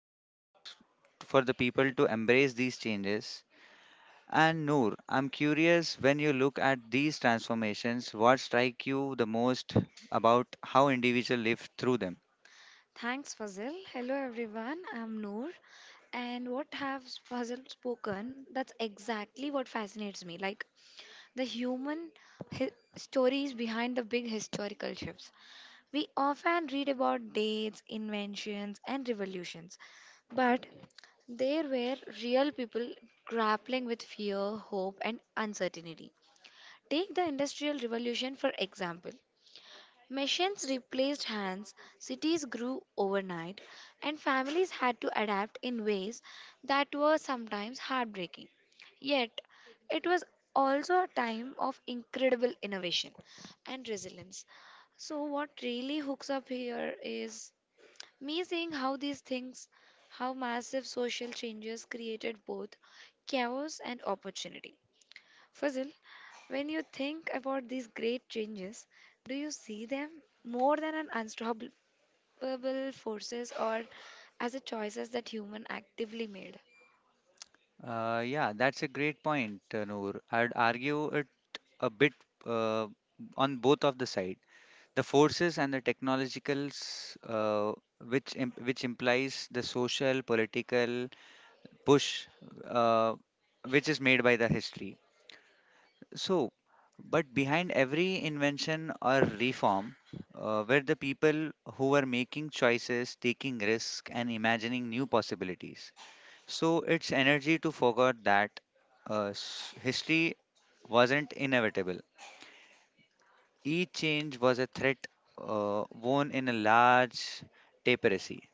it took for the people to embrace these changes. And Noor, I'm curious, when you look at these transformations, what strike you the most about how individuals live through them? Thanks, Fazil. Hello, everyone. I'm Noor. And what have Fazil spoken? That's exactly what fascinates me. Like the human hi- stories behind the big historical shifts. We often read about dates, inventions, and revolutions, but there were real people grappling with fear, hope, and uncertainty. Take the Industrial Revolution for example. Machines replaced hands, cities grew overnight, and families had to adapt in ways that were sometimes heartbreaking. Yet, it was also a time of incredible innovation and resilience. So, what really hooks up here is me seeing how these things, how massive social changes created both chaos and opportunity. Fazil, when you think about these great changes, do you see them more than an unstoppable forces or as a choices that human actively made? Yeah, that's a great point, Noor. I'd argue it a bit, uh, on both of the side, the forces and the technologicals, which implies the social political push, uh, which is made by the history. So, but behind every invention or reform, were the people who were making choices, taking risks, and imagining new possibilities. So it's energy to forget that, history wasn't inevitable. Each change was a threat, worn in a large tapestry.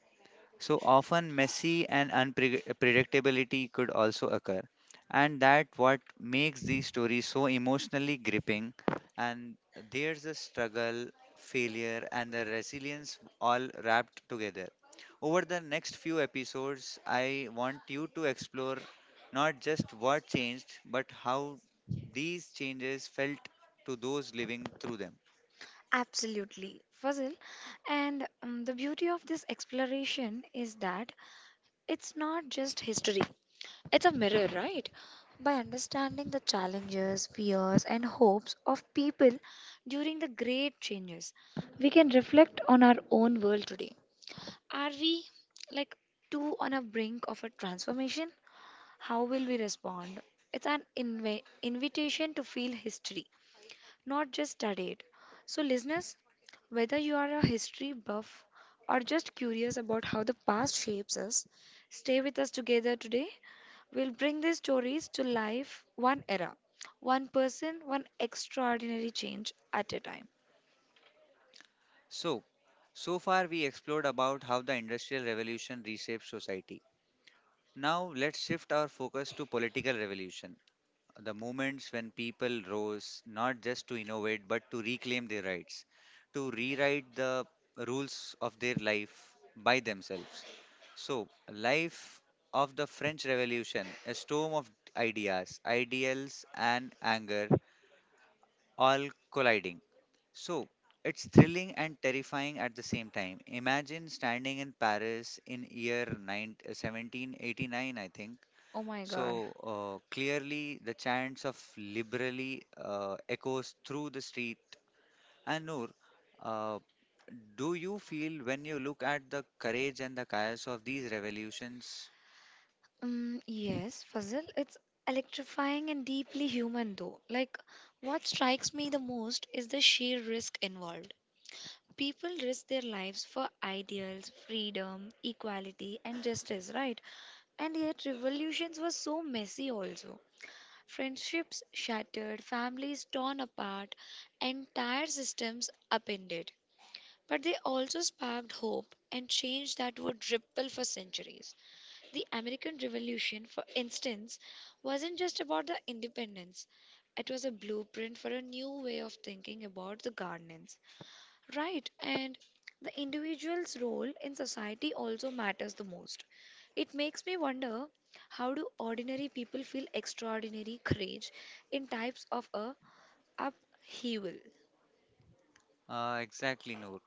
So often messy and unpredictability could also occur. And that what makes these stories so emotionally gripping. And there's a struggle, failure, and the resilience all wrapped together. Over the next few episodes, I want you to explore not just what changed, but how these changes felt to those living through them. Absolutely, Fazil. And the beauty of this exploration is that it's not just history, it's a mirror, right? By understanding the challenges, fears, and hopes of people during the great changes, we can reflect on our own world today. Are we like too on a brink of a transformation? How will we respond? It's an invitation to feel history, not just study it. So, listeners, whether you are a history buff or just curious about how the past shapes us, stay with us together today. We'll bring these stories to life one era, one person, one extraordinary change at a time. So, so far we explored about how the Industrial Revolution reshaped society. Now let's shift our focus to political revolution, the moments when people rose not just to innovate but to reclaim their rights, to rewrite the rules of their life by themselves. So, life of the French Revolution, a storm of ideas, ideals, and anger all colliding. So it's thrilling and terrifying at the same time. Imagine standing in Paris in year 9, 1789, I think. Oh my So god. Clearly, the chants of liberally echoes through the street. And Noor, uh, do you feel when you look at the courage and the chaos of these revolutions? Mm, yes, Fazil, it's electrifying and deeply human though. Like, what strikes me the most is the sheer risk involved. People risk their lives for ideals, freedom, equality, and justice, right? And yet, revolutions were so messy also. Friendships shattered, families torn apart, entire systems upended. But they also sparked hope and change that would ripple for centuries. The American Revolution, for instance, wasn't just about the independence. It was a blueprint for a new way of thinking about the governance. Right, and the individual's role in society also matters the most. It makes me wonder how do ordinary people feel extraordinary courage in types of a upheaval? Exactly, Noor.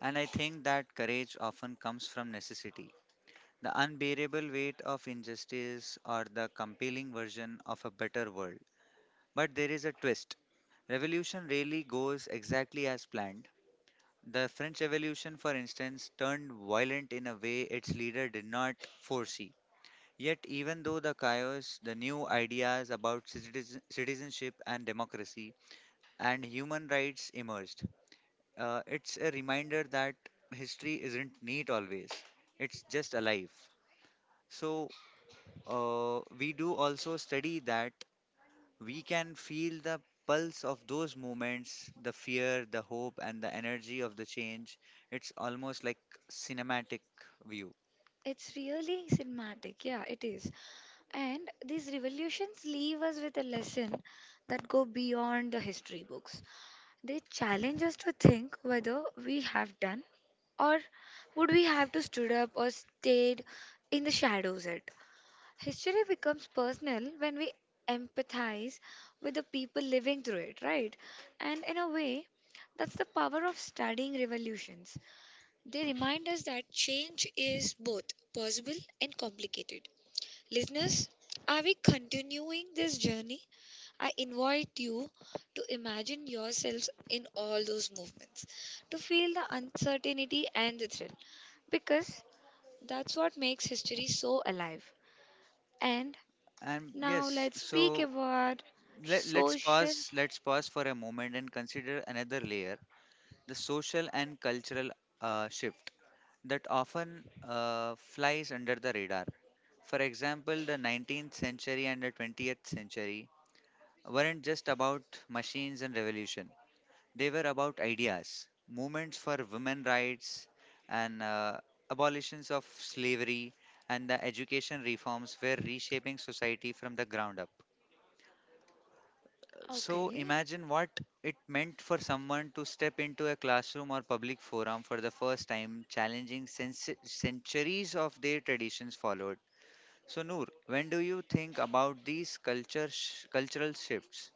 And I think that courage often comes from necessity. The unbearable weight of injustice or the compelling version of a better world. But there is a twist. Revolution rarely goes exactly as planned. The French Revolution, for instance, turned violent in a way its leader did not foresee. Yet, even though the chaos, the new ideas about citizenship and democracy and human rights emerged. It's a reminder that history isn't neat always, it's just alive. So, we do also study that we can feel the pulse of those moments, the fear, the hope, and the energy of the change. It's almost like cinematic view. It's really cinematic. Yeah, it is. And these revolutions leave us with a lesson that go beyond the history books. They challenge us to think whether we have done or would we have to stood up or stayed in the shadows it. History becomes personal when we empathize with the people living through it, right? And in a way, that's the power of studying revolutions. They remind us that change is both possible and complicated. Listeners, are we continuing this journey? I invite you to imagine yourselves in all those movements, to feel the uncertainty and the thrill, because that's what makes history so alive. And And now yes, let's speak so about let's social. pause. Let's pause for a moment and consider another layer: the social and cultural shift that often flies under the radar. For example, the 19th century and the 20th century weren't just about machines and revolution. They were about ideas, movements for women rights, and abolitions of slavery, and the education reforms were reshaping society from the ground up. So Okay, imagine what it meant for someone to step into a classroom or public forum for the first time, challenging centuries of their traditions followed. So Noor, when do you think about these cultural shifts?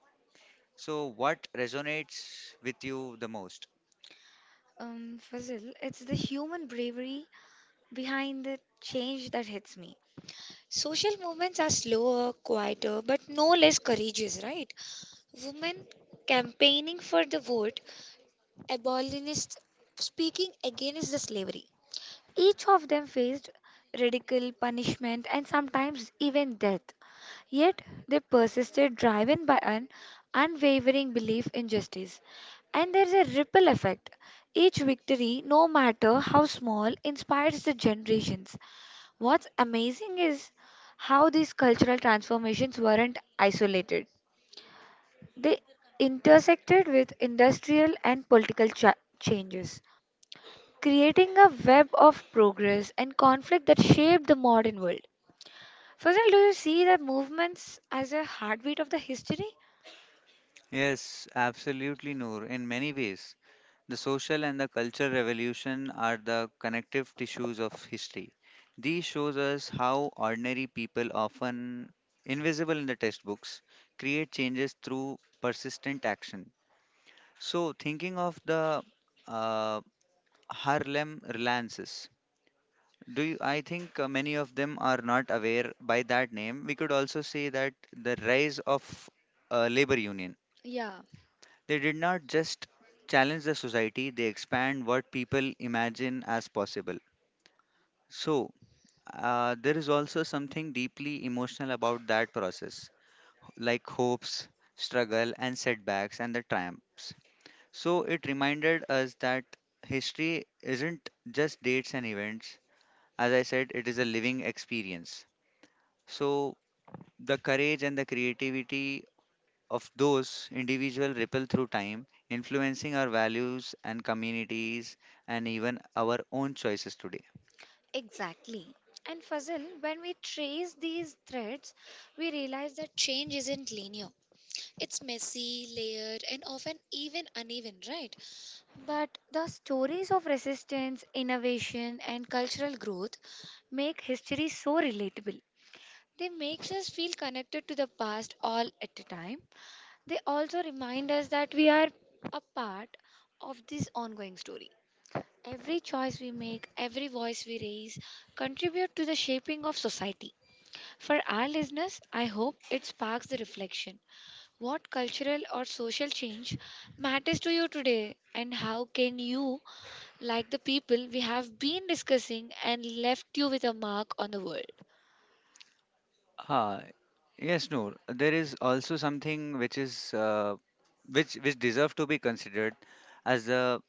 So what resonates with you the most? Fazil, it's the human bravery behind the change that hits me. Social movements are slower, quieter, but no less courageous, right? Women campaigning for the vote, abolitionists speaking against the slavery. Each of them faced ridicule, punishment, and sometimes even death. Yet they persisted, driven by an unwavering belief in justice. And there is a ripple effect. Each victory, no matter how small, inspires the generations. What's amazing is how these cultural transformations weren't isolated. They intersected with industrial and political changes, creating a web of progress and conflict that shaped the modern world. Fazal, do you see the movements as a heartbeat of the history? Yes, absolutely, Noor. In many ways, the social and the cultural revolution are the connective tissues of history. These shows us how ordinary people, often invisible in the textbooks, create changes through persistent action. So, thinking of the uh, Harlem Renaissance, do you, I think many of them are not aware by that name. We could also say that the rise of labor union. Yeah, They did not just challenge the society, they expand what people imagine as possible. So, there is also something deeply emotional about that process, like hopes, struggle, and setbacks, and the triumphs. So, it reminded us that history isn't just dates and events. As I said, it is a living experience. So, the courage and the creativity of those individuals ripple through time, influencing our values and communities and even our own choices today. exactly. And Fazil, when we trace these threads, we realize that change isn't linear. It's messy, layered, and often even uneven, right? But the stories of resistance, innovation, and cultural growth make history so relatable. They makes us feel connected to the past all at a time. They also remind us that we are a part of this ongoing story. Every choice we make, every voice we raise contribute to the shaping of society. For our listeners, I hope it sparks the reflection. What cultural or social change matters to you today and how can you like the people we have been discussing and left you with a mark on the world. Ah, yes, Noor. There is also something which is, uh, which deserve to be considered as the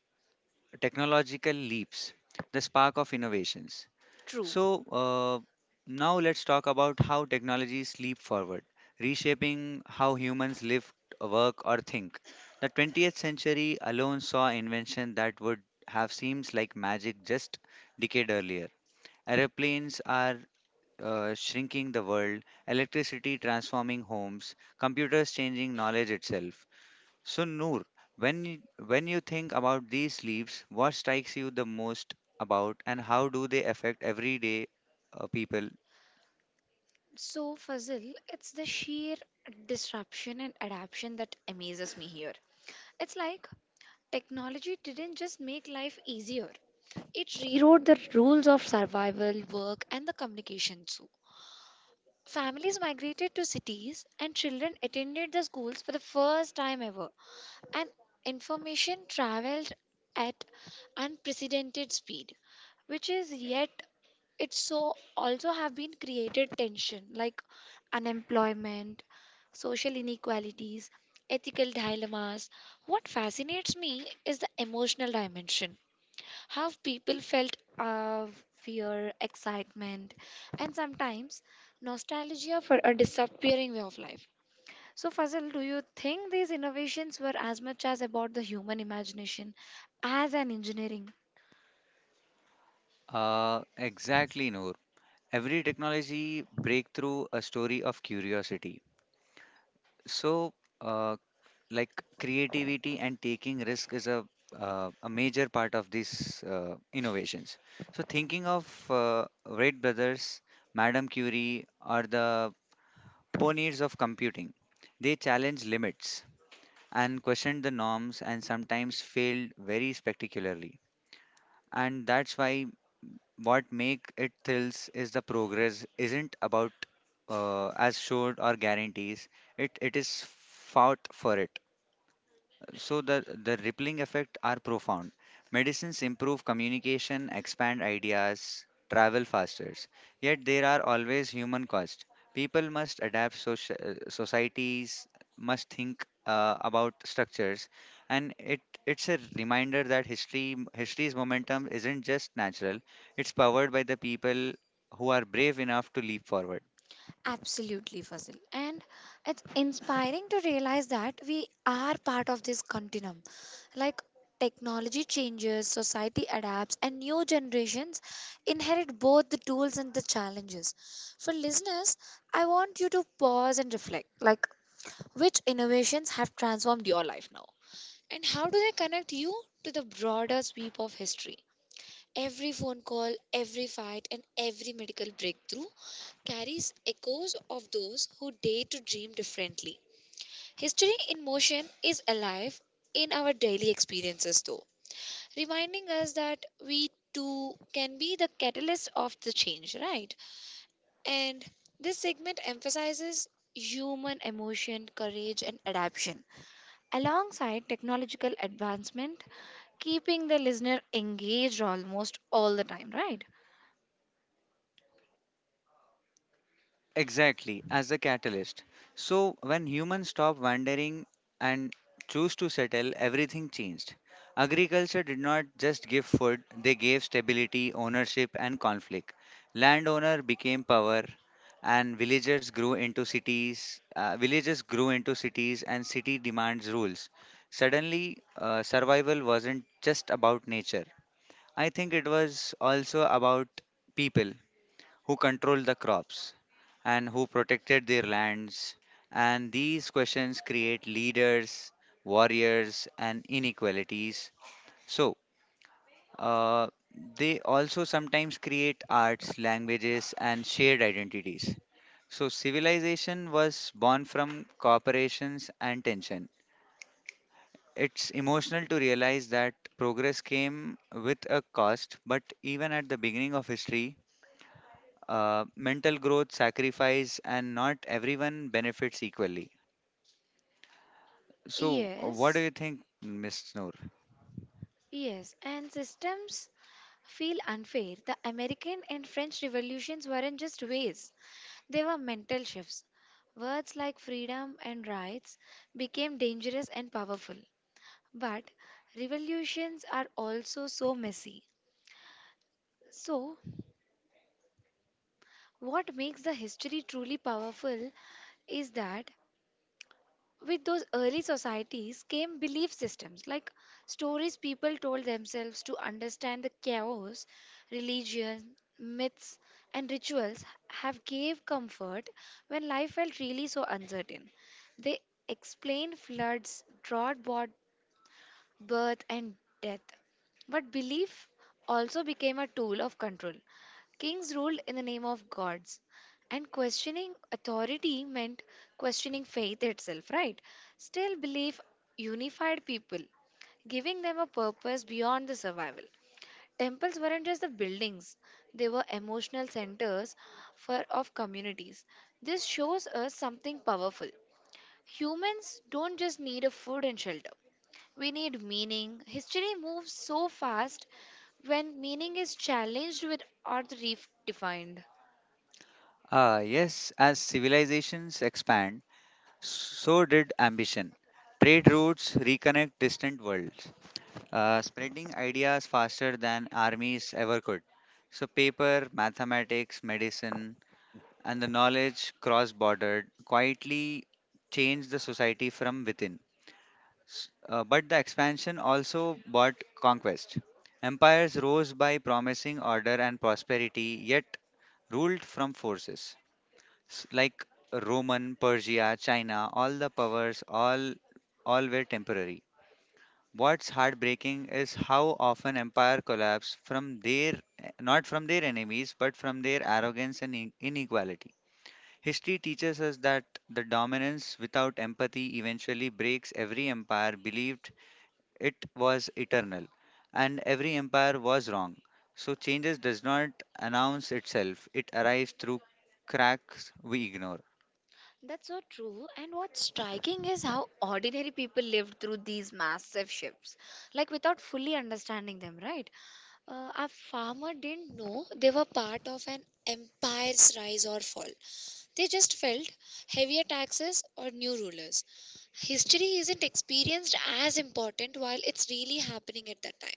technological leaps, the spark of innovations. True. So, now let's talk about how technologies leap forward, reshaping how humans live, work, or think. The 20th century alone saw invention that would have seemed like magic just decade earlier. Aeroplanes are shrinking the world, electricity transforming homes, computers changing knowledge itself. So Noor, when you, when you think about these leaves, what strikes you the most about and how do they affect everyday people? So, Fazil, it's the sheer disruption and adaption that amazes me here. It's like technology didn't just make life easier, it rewrote the rules of survival, work, and the communication too. Families migrated to cities, and children attended the schools for the first time ever, and information traveled at unprecedented speed. Which is yet it so also have been created tension like unemployment, social inequalities, ethical dilemmas. What fascinates me is the emotional dimension, how people felt fear, excitement, and sometimes nostalgia for a disappearing way of life. So Fazal, do you think these innovations were as much as about the human imagination as an engineering? Exactly, Noor. Every technology breakthrough a story of curiosity. So, uh, like creativity and taking risk is a major part of these innovations. So, thinking of Wright brothers, Madame Curie are the pioneers of computing. They challenge limits and questioned the norms and sometimes failed very spectacularly. And that's why what make it thrills is the progress isn't about as showed or guarantees. It is fought for it. So the rippling effect are profound. Medicines improve communication, expand ideas, travel faster. Yet there are always human costs. People must adapt. Societies must think about structures, and it's a reminder that history's momentum isn't just natural. It's powered by the people who are brave enough to leap forward. Absolutely, Fazil. And it's inspiring to realize that we are part of this continuum. Like technology changes, society adapts, and new generations inherit both the tools and the challenges. For listeners, I want you to pause and reflect like which innovations have transformed your life now, and how do they connect you to the broader sweep of history? Every phone call, every fight, and every medical breakthrough carries echoes of those who dare to dream differently. History in motion is alive in our daily experiences, though, reminding us that we too can be the catalyst of the change, right? And this segment emphasizes human emotion, courage, and adaptation alongside technological advancement, keeping the listener engaged almost all the time, right? Exactly, as a catalyst. So, when humans stopped wandering and choose to settle, everything changed. Agriculture did not just give food, they gave stability, ownership, and conflict. Landowner became power, and villagers grew into cities. Villages grew into cities, and city demands rules. Suddenly, survival wasn't just about nature. I think it was also about people who controlled the crops, and who protected their lands. And these questions create leaders, warriors, and inequalities. So, uh, they also sometimes create arts, languages, and shared identities. So, civilization was born from cooperations and tension. It's emotional to realize that progress came with a cost, but even at the beginning of history, mental growth, sacrifice, and not everyone benefits equally. So, what do you Yes. think, Miss Noor? Yes, and systems feel unfair. The American and French revolutions weren't just waves, they were mental shifts. Words like freedom and rights became dangerous and powerful. But revolutions are also so messy. So, what makes the history truly powerful is that with those early societies came belief systems like stories people told themselves to understand the chaos, religion, myths, and rituals have gave comfort when life felt really so uncertain. They explain floods, drought, birth, and death. But belief also became a tool of control. Kings ruled in the name of gods, and questioning authority meant questioning faith itself, right? Still, belief unified people, giving them a purpose beyond the survival. Temples weren't just the buildings, they were emotional centers for, of communities. This shows us something powerful. Humans don't just need a food and shelter. We need meaning. History moves so fast when meaning is challenged with or redefined. Yes, as civilizations expand, so did ambition. Trade routes reconnect distant worlds, spreading ideas faster than armies ever could. So, paper, mathematics, medicine, and the knowledge cross bordered quietly changed the society from within. But the expansion also brought conquest. Empires rose by promising order and prosperity, yet ruled from forces, like Roman, Persia, China. All the powers, all were temporary. What's heartbreaking is how often empire collapse from their, not from their enemies, but from their arrogance and inequality. History teaches us that the dominance without empathy eventually breaks every empire believed it was eternal, and every empire was wrong. So changes does not announce itself. It arrives through cracks we ignore. That's so true. And what's striking is how ordinary people lived through these massive shifts, like without fully understanding them, right? A farmer didn't know they were part of an empire's rise or fall. They just felt heavier taxes or new rulers. History isn't experienced as important while it's really happening at that time.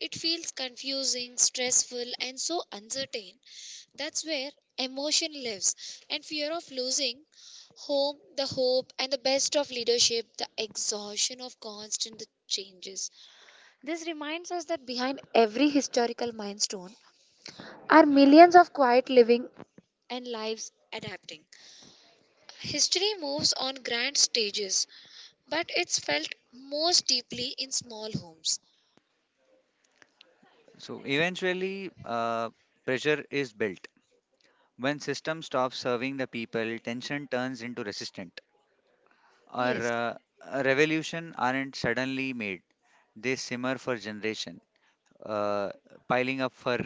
It feels confusing, stressful, and so uncertain. That's where emotion lives, and fear of losing home, the hope, and the best of leadership, the exhaustion of constant changes. This reminds us that behind every historical milestone are millions of quiet living and lives adapting. History moves on grand stages, but it's felt most deeply in small homes. So eventually, pressure is built. When system stops serving the people, tension turns into resistance. Or Yes. A revolution aren't suddenly made. They simmer for generation, uh, piling up for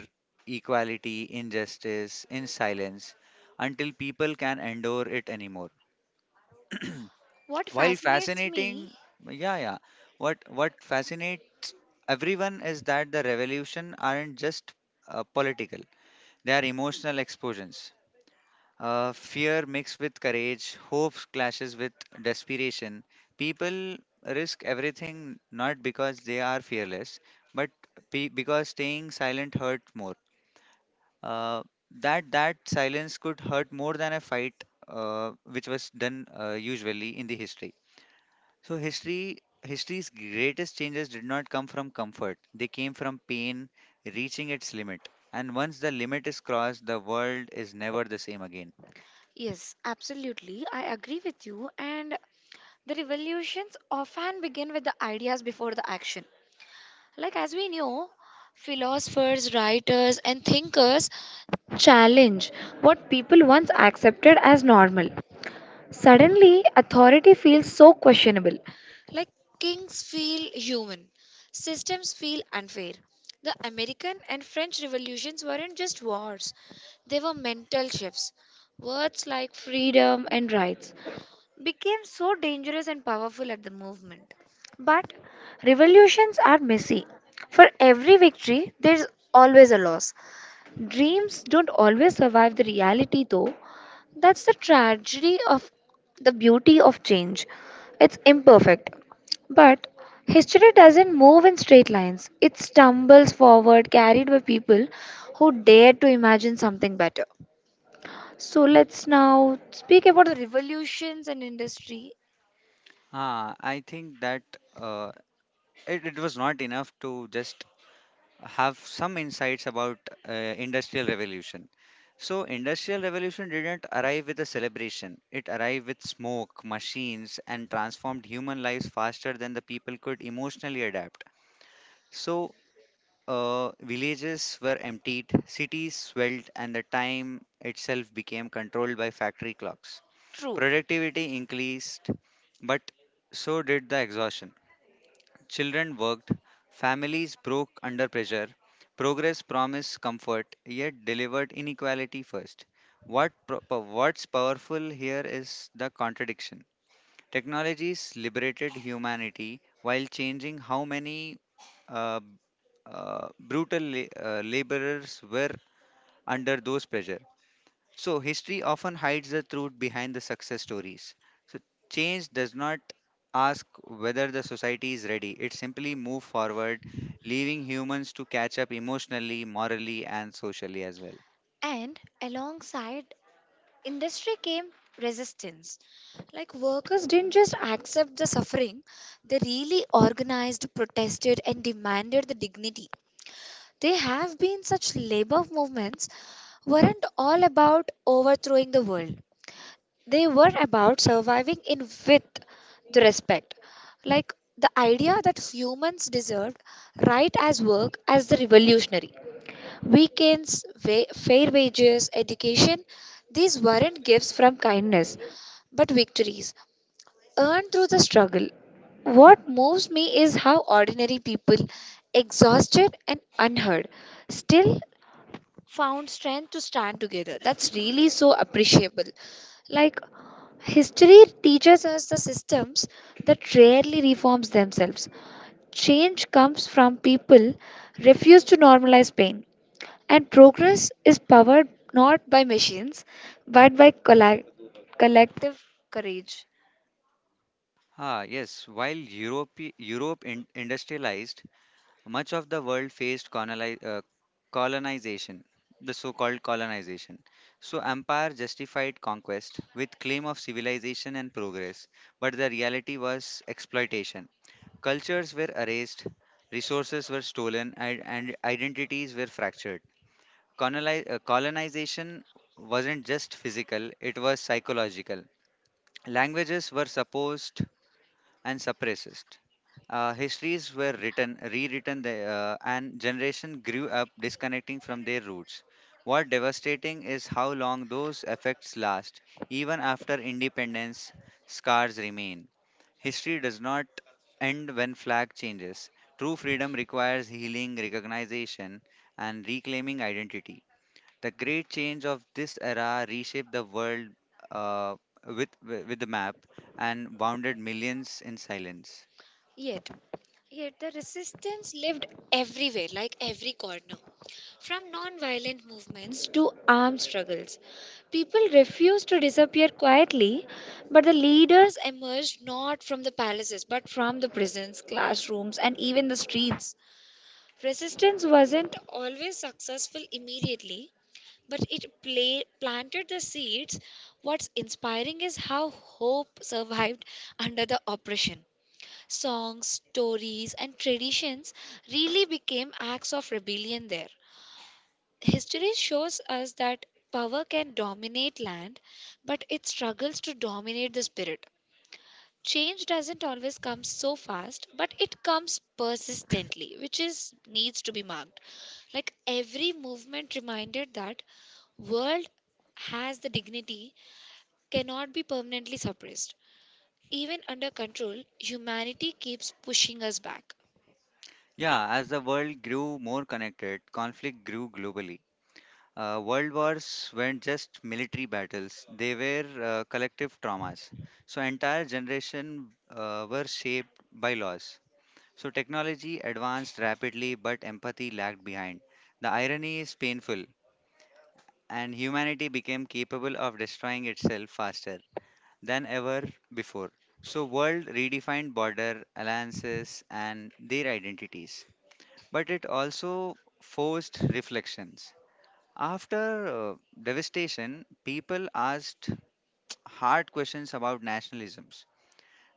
equality, injustice, in silence, until people can endure it anymore. What While fascinates fascinating, me. yeah yeah what fascinates everyone is that the revolution aren't just political, they are emotional explosions, fear mixed with courage, hope clashes with desperation. People risk everything not because they are fearless, but because staying silent hurt more. Uh, that that silence could hurt more than a fight, which was done usually in the history. So history's greatest changes did not come from comfort. They came from pain reaching its limit. And once the limit is crossed, the world is never the same again. Yes, absolutely. I agree with you. And the revolutions often begin with the ideas before the action. Like, as we know, philosophers, writers, and thinkers challenge what people once accepted as normal. Suddenly, authority feels so questionable. Like kings feel human, systems feel unfair. The American and French revolutions weren't just wars, they were mental shifts. Words like freedom and rights became so dangerous and powerful at the movement. But revolutions are messy. For every victory, there's always a loss. Dreams don't always survive the reality, though. That's the tragedy of the beauty of change. It's imperfect. But history doesn't move in straight lines, it stumbles forward, carried by people who dare to imagine something better. So let's now speak about the revolutions in industry. Ah, I think that uh, it was not enough to just have some insights about industrial revolution. So industrial revolution didn't arrive with a celebration. It arrived with smoke, machines, and transformed human lives faster than the people could emotionally adapt. So villages were emptied, cities swelled, and the time itself became controlled by factory clocks. True. Productivity increased, but so did the exhaustion. Children worked, families broke under pressure. Progress promised comfort, yet delivered inequality first. What's powerful here is the contradiction. Technologies liberated humanity while changing how many uh, laborers were under those pressure. So history often hides the truth behind the success stories. So change does not ask whether the society is ready. It simply moves forward, leaving humans to catch up emotionally, morally, and socially as well. And alongside industry came resistance. Like workers didn't just accept the suffering, they really organized, protested, and demanded the dignity. There have been such labor movements weren't all about overthrowing the world. They were about surviving in with the respect. Like the idea that humans deserved right as work as the revolutionary. Weekends, fair wages, education, these weren't gifts from kindness, but victories earned through the struggle. What moves me is how ordinary people, exhausted and unheard, still found strength to stand together. That's really so appreciable. Like, history teaches us the systems that rarely reforms themselves. Change comes from people refuse to normalize pain. And progress is powered not by machines, but by collective courage. Ah, yes. While Europe industrialized, much of the world faced colonization, the so-called colonization. So empire justified conquest with claim of civilization and progress, but the reality was exploitation. Cultures were erased, resources were stolen, and identities were fractured. Colonization wasn't just physical, it was psychological. Languages were supposed and suppressed. Histories were written, rewritten, and generation grew up disconnecting from their roots. What devastating is how long those effects last. Even after independence, scars remain. History does not end when flag changes. True freedom requires healing, recognition, and reclaiming identity. The great change of this era reshaped the world uh, with the map and bounded millions in silence. Yet, yet, the resistance lived everywhere, like every corner. From non-violent movements to armed struggles, people refused to disappear quietly, but the leaders emerged not from the palaces, but from the prisons, classrooms, and even the streets. Resistance wasn't always successful immediately, but it planted the seeds. What's inspiring is how hope survived under the oppression. Songs, stories, and traditions really became acts of rebellion there. History shows us that power can dominate land, but it struggles to dominate the spirit. Change doesn't always come so fast, but it comes persistently, which is needs to be marked. Like every movement reminded that world has the dignity cannot be permanently suppressed. Even under control, humanity keeps pushing us back. Yeah, as the world grew more connected, conflict grew globally. World wars weren't just military battles; they were collective traumas. So entire generation were shaped by loss. So technology advanced rapidly, but empathy lagged behind. The irony is painful, and humanity became capable of destroying itself faster than ever before. So world redefined border alliances and their identities, but it also forced reflections. After devastation, people asked hard questions about nationalisms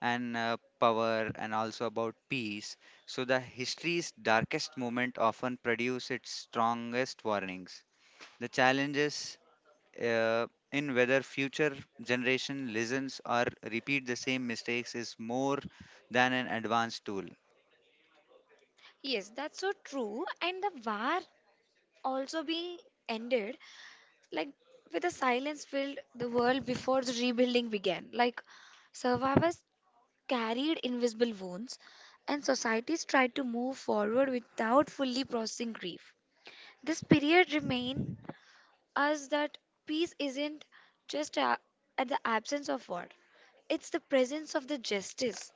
and power and also about peace. So the history's darkest moment often produce its strongest warnings. The challenges in whether future generation listens or repeat the same mistakes is more than an advanced tool. Yes, that's so true. And the war also being ended, like with a silence filled the world before the rebuilding began. Like survivors carried invisible wounds, and societies tried to move forward without fully processing grief. This period remained us that peace isn't just a, at the absence of war; it's the presence of the justice.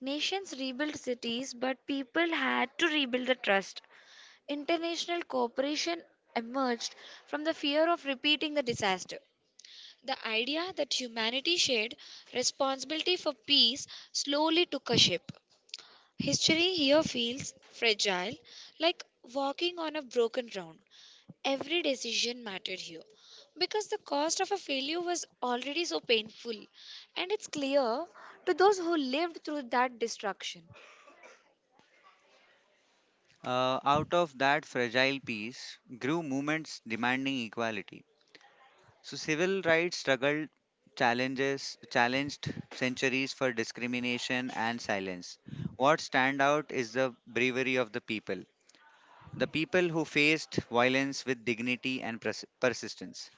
Nations rebuilt cities, but people had to rebuild the trust. International cooperation emerged from the fear of repeating the disaster. The idea that humanity shared responsibility for peace slowly took a shape. History here feels fragile, like walking on a broken ground. Every decision mattered here because the cost of a failure was already so painful, and it's clear to those who lived through that destruction. Out of that fragile peace grew movements demanding equality. So civil rights struggled challenges challenged centuries for discrimination and silence. What stand out is the bravery of the people. The people who faced violence with dignity and persistence.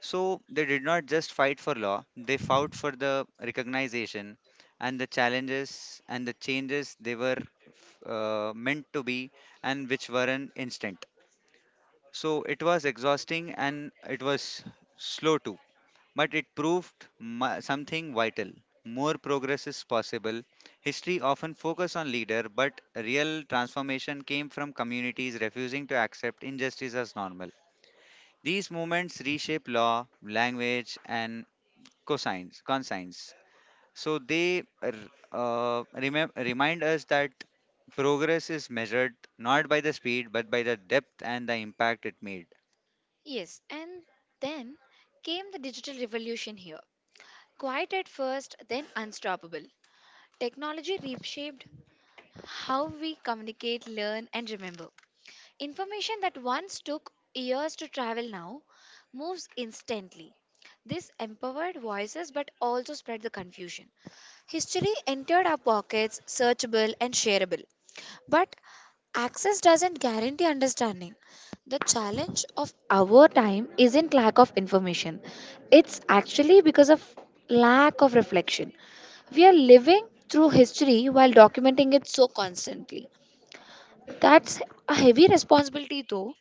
So they did not just fight for law, they fought for the recognition and the challenges and the changes they were meant to be, and which weren't instant. So it was exhausting and it was slow too, but it proved something vital. More progress is possible. History often focus on leader, but real transformation came from communities refusing to accept injustice as normal. These movements reshape law, language, and cosines, consines. So they remind us that progress is measured not by the speed but by the depth and the impact it made. Yes, and then came the digital revolution here. Quiet at first, then unstoppable. Technology reshaped how we communicate, learn, and remember. Information that once took years to travel now moves instantly. This empowered voices but also spread the confusion. History entered our pockets, searchable and shareable. But access doesn't guarantee understanding. The challenge of our time isn't lack of information, it's actually because of lack of reflection. We are living through history while documenting it so constantly. That's a heavy responsibility, though.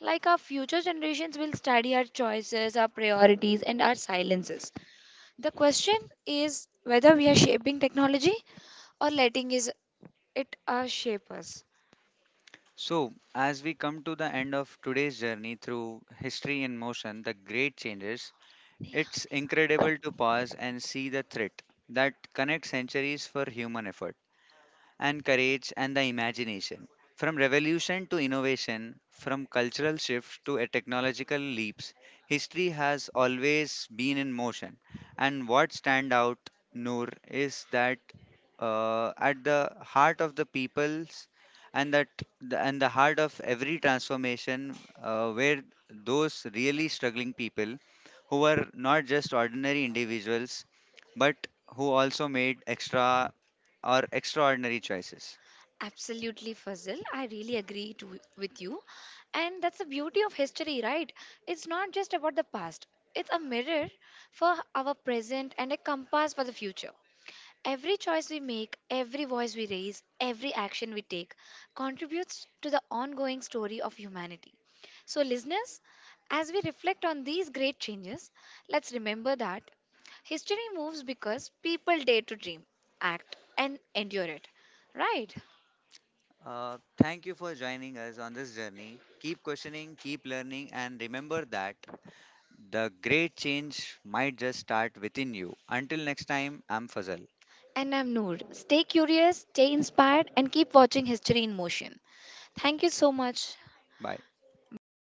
Like our future generations will study our choices, our priorities, and our silences. The question is whether we are shaping technology or letting it shape us. So, as we come to the end of today's journey through History in Motion, the great changes, it's incredible to pause and see the thread that connects centuries for human effort and courage and the imagination. From revolution to innovation, from cultural shifts to a technological leaps, history has always been in motion. And what stand out, Noor, is that at the heart of the people's and that the, and the heart of every transformation, where those really struggling people who were not just ordinary individuals, but who also made extraordinary choices. Absolutely, Fazil. I really agree to, with you. And that's the beauty of history, right? It's not just about the past, it's a mirror for our present and a compass for the future. Every choice we make, every voice we raise, every action we take contributes to the ongoing story of humanity. So, listeners, as we reflect on these great changes, let's remember that history moves because people dare to dream, act, and endure it. Right? Thank you for joining us on this journey. Keep questioning, keep learning, and remember that the great change might just start within you. Until next time, I'm Fazal. And I'm Noor. Stay curious, stay inspired, and keep watching History in Motion. Thank you so much. Bye. Bye.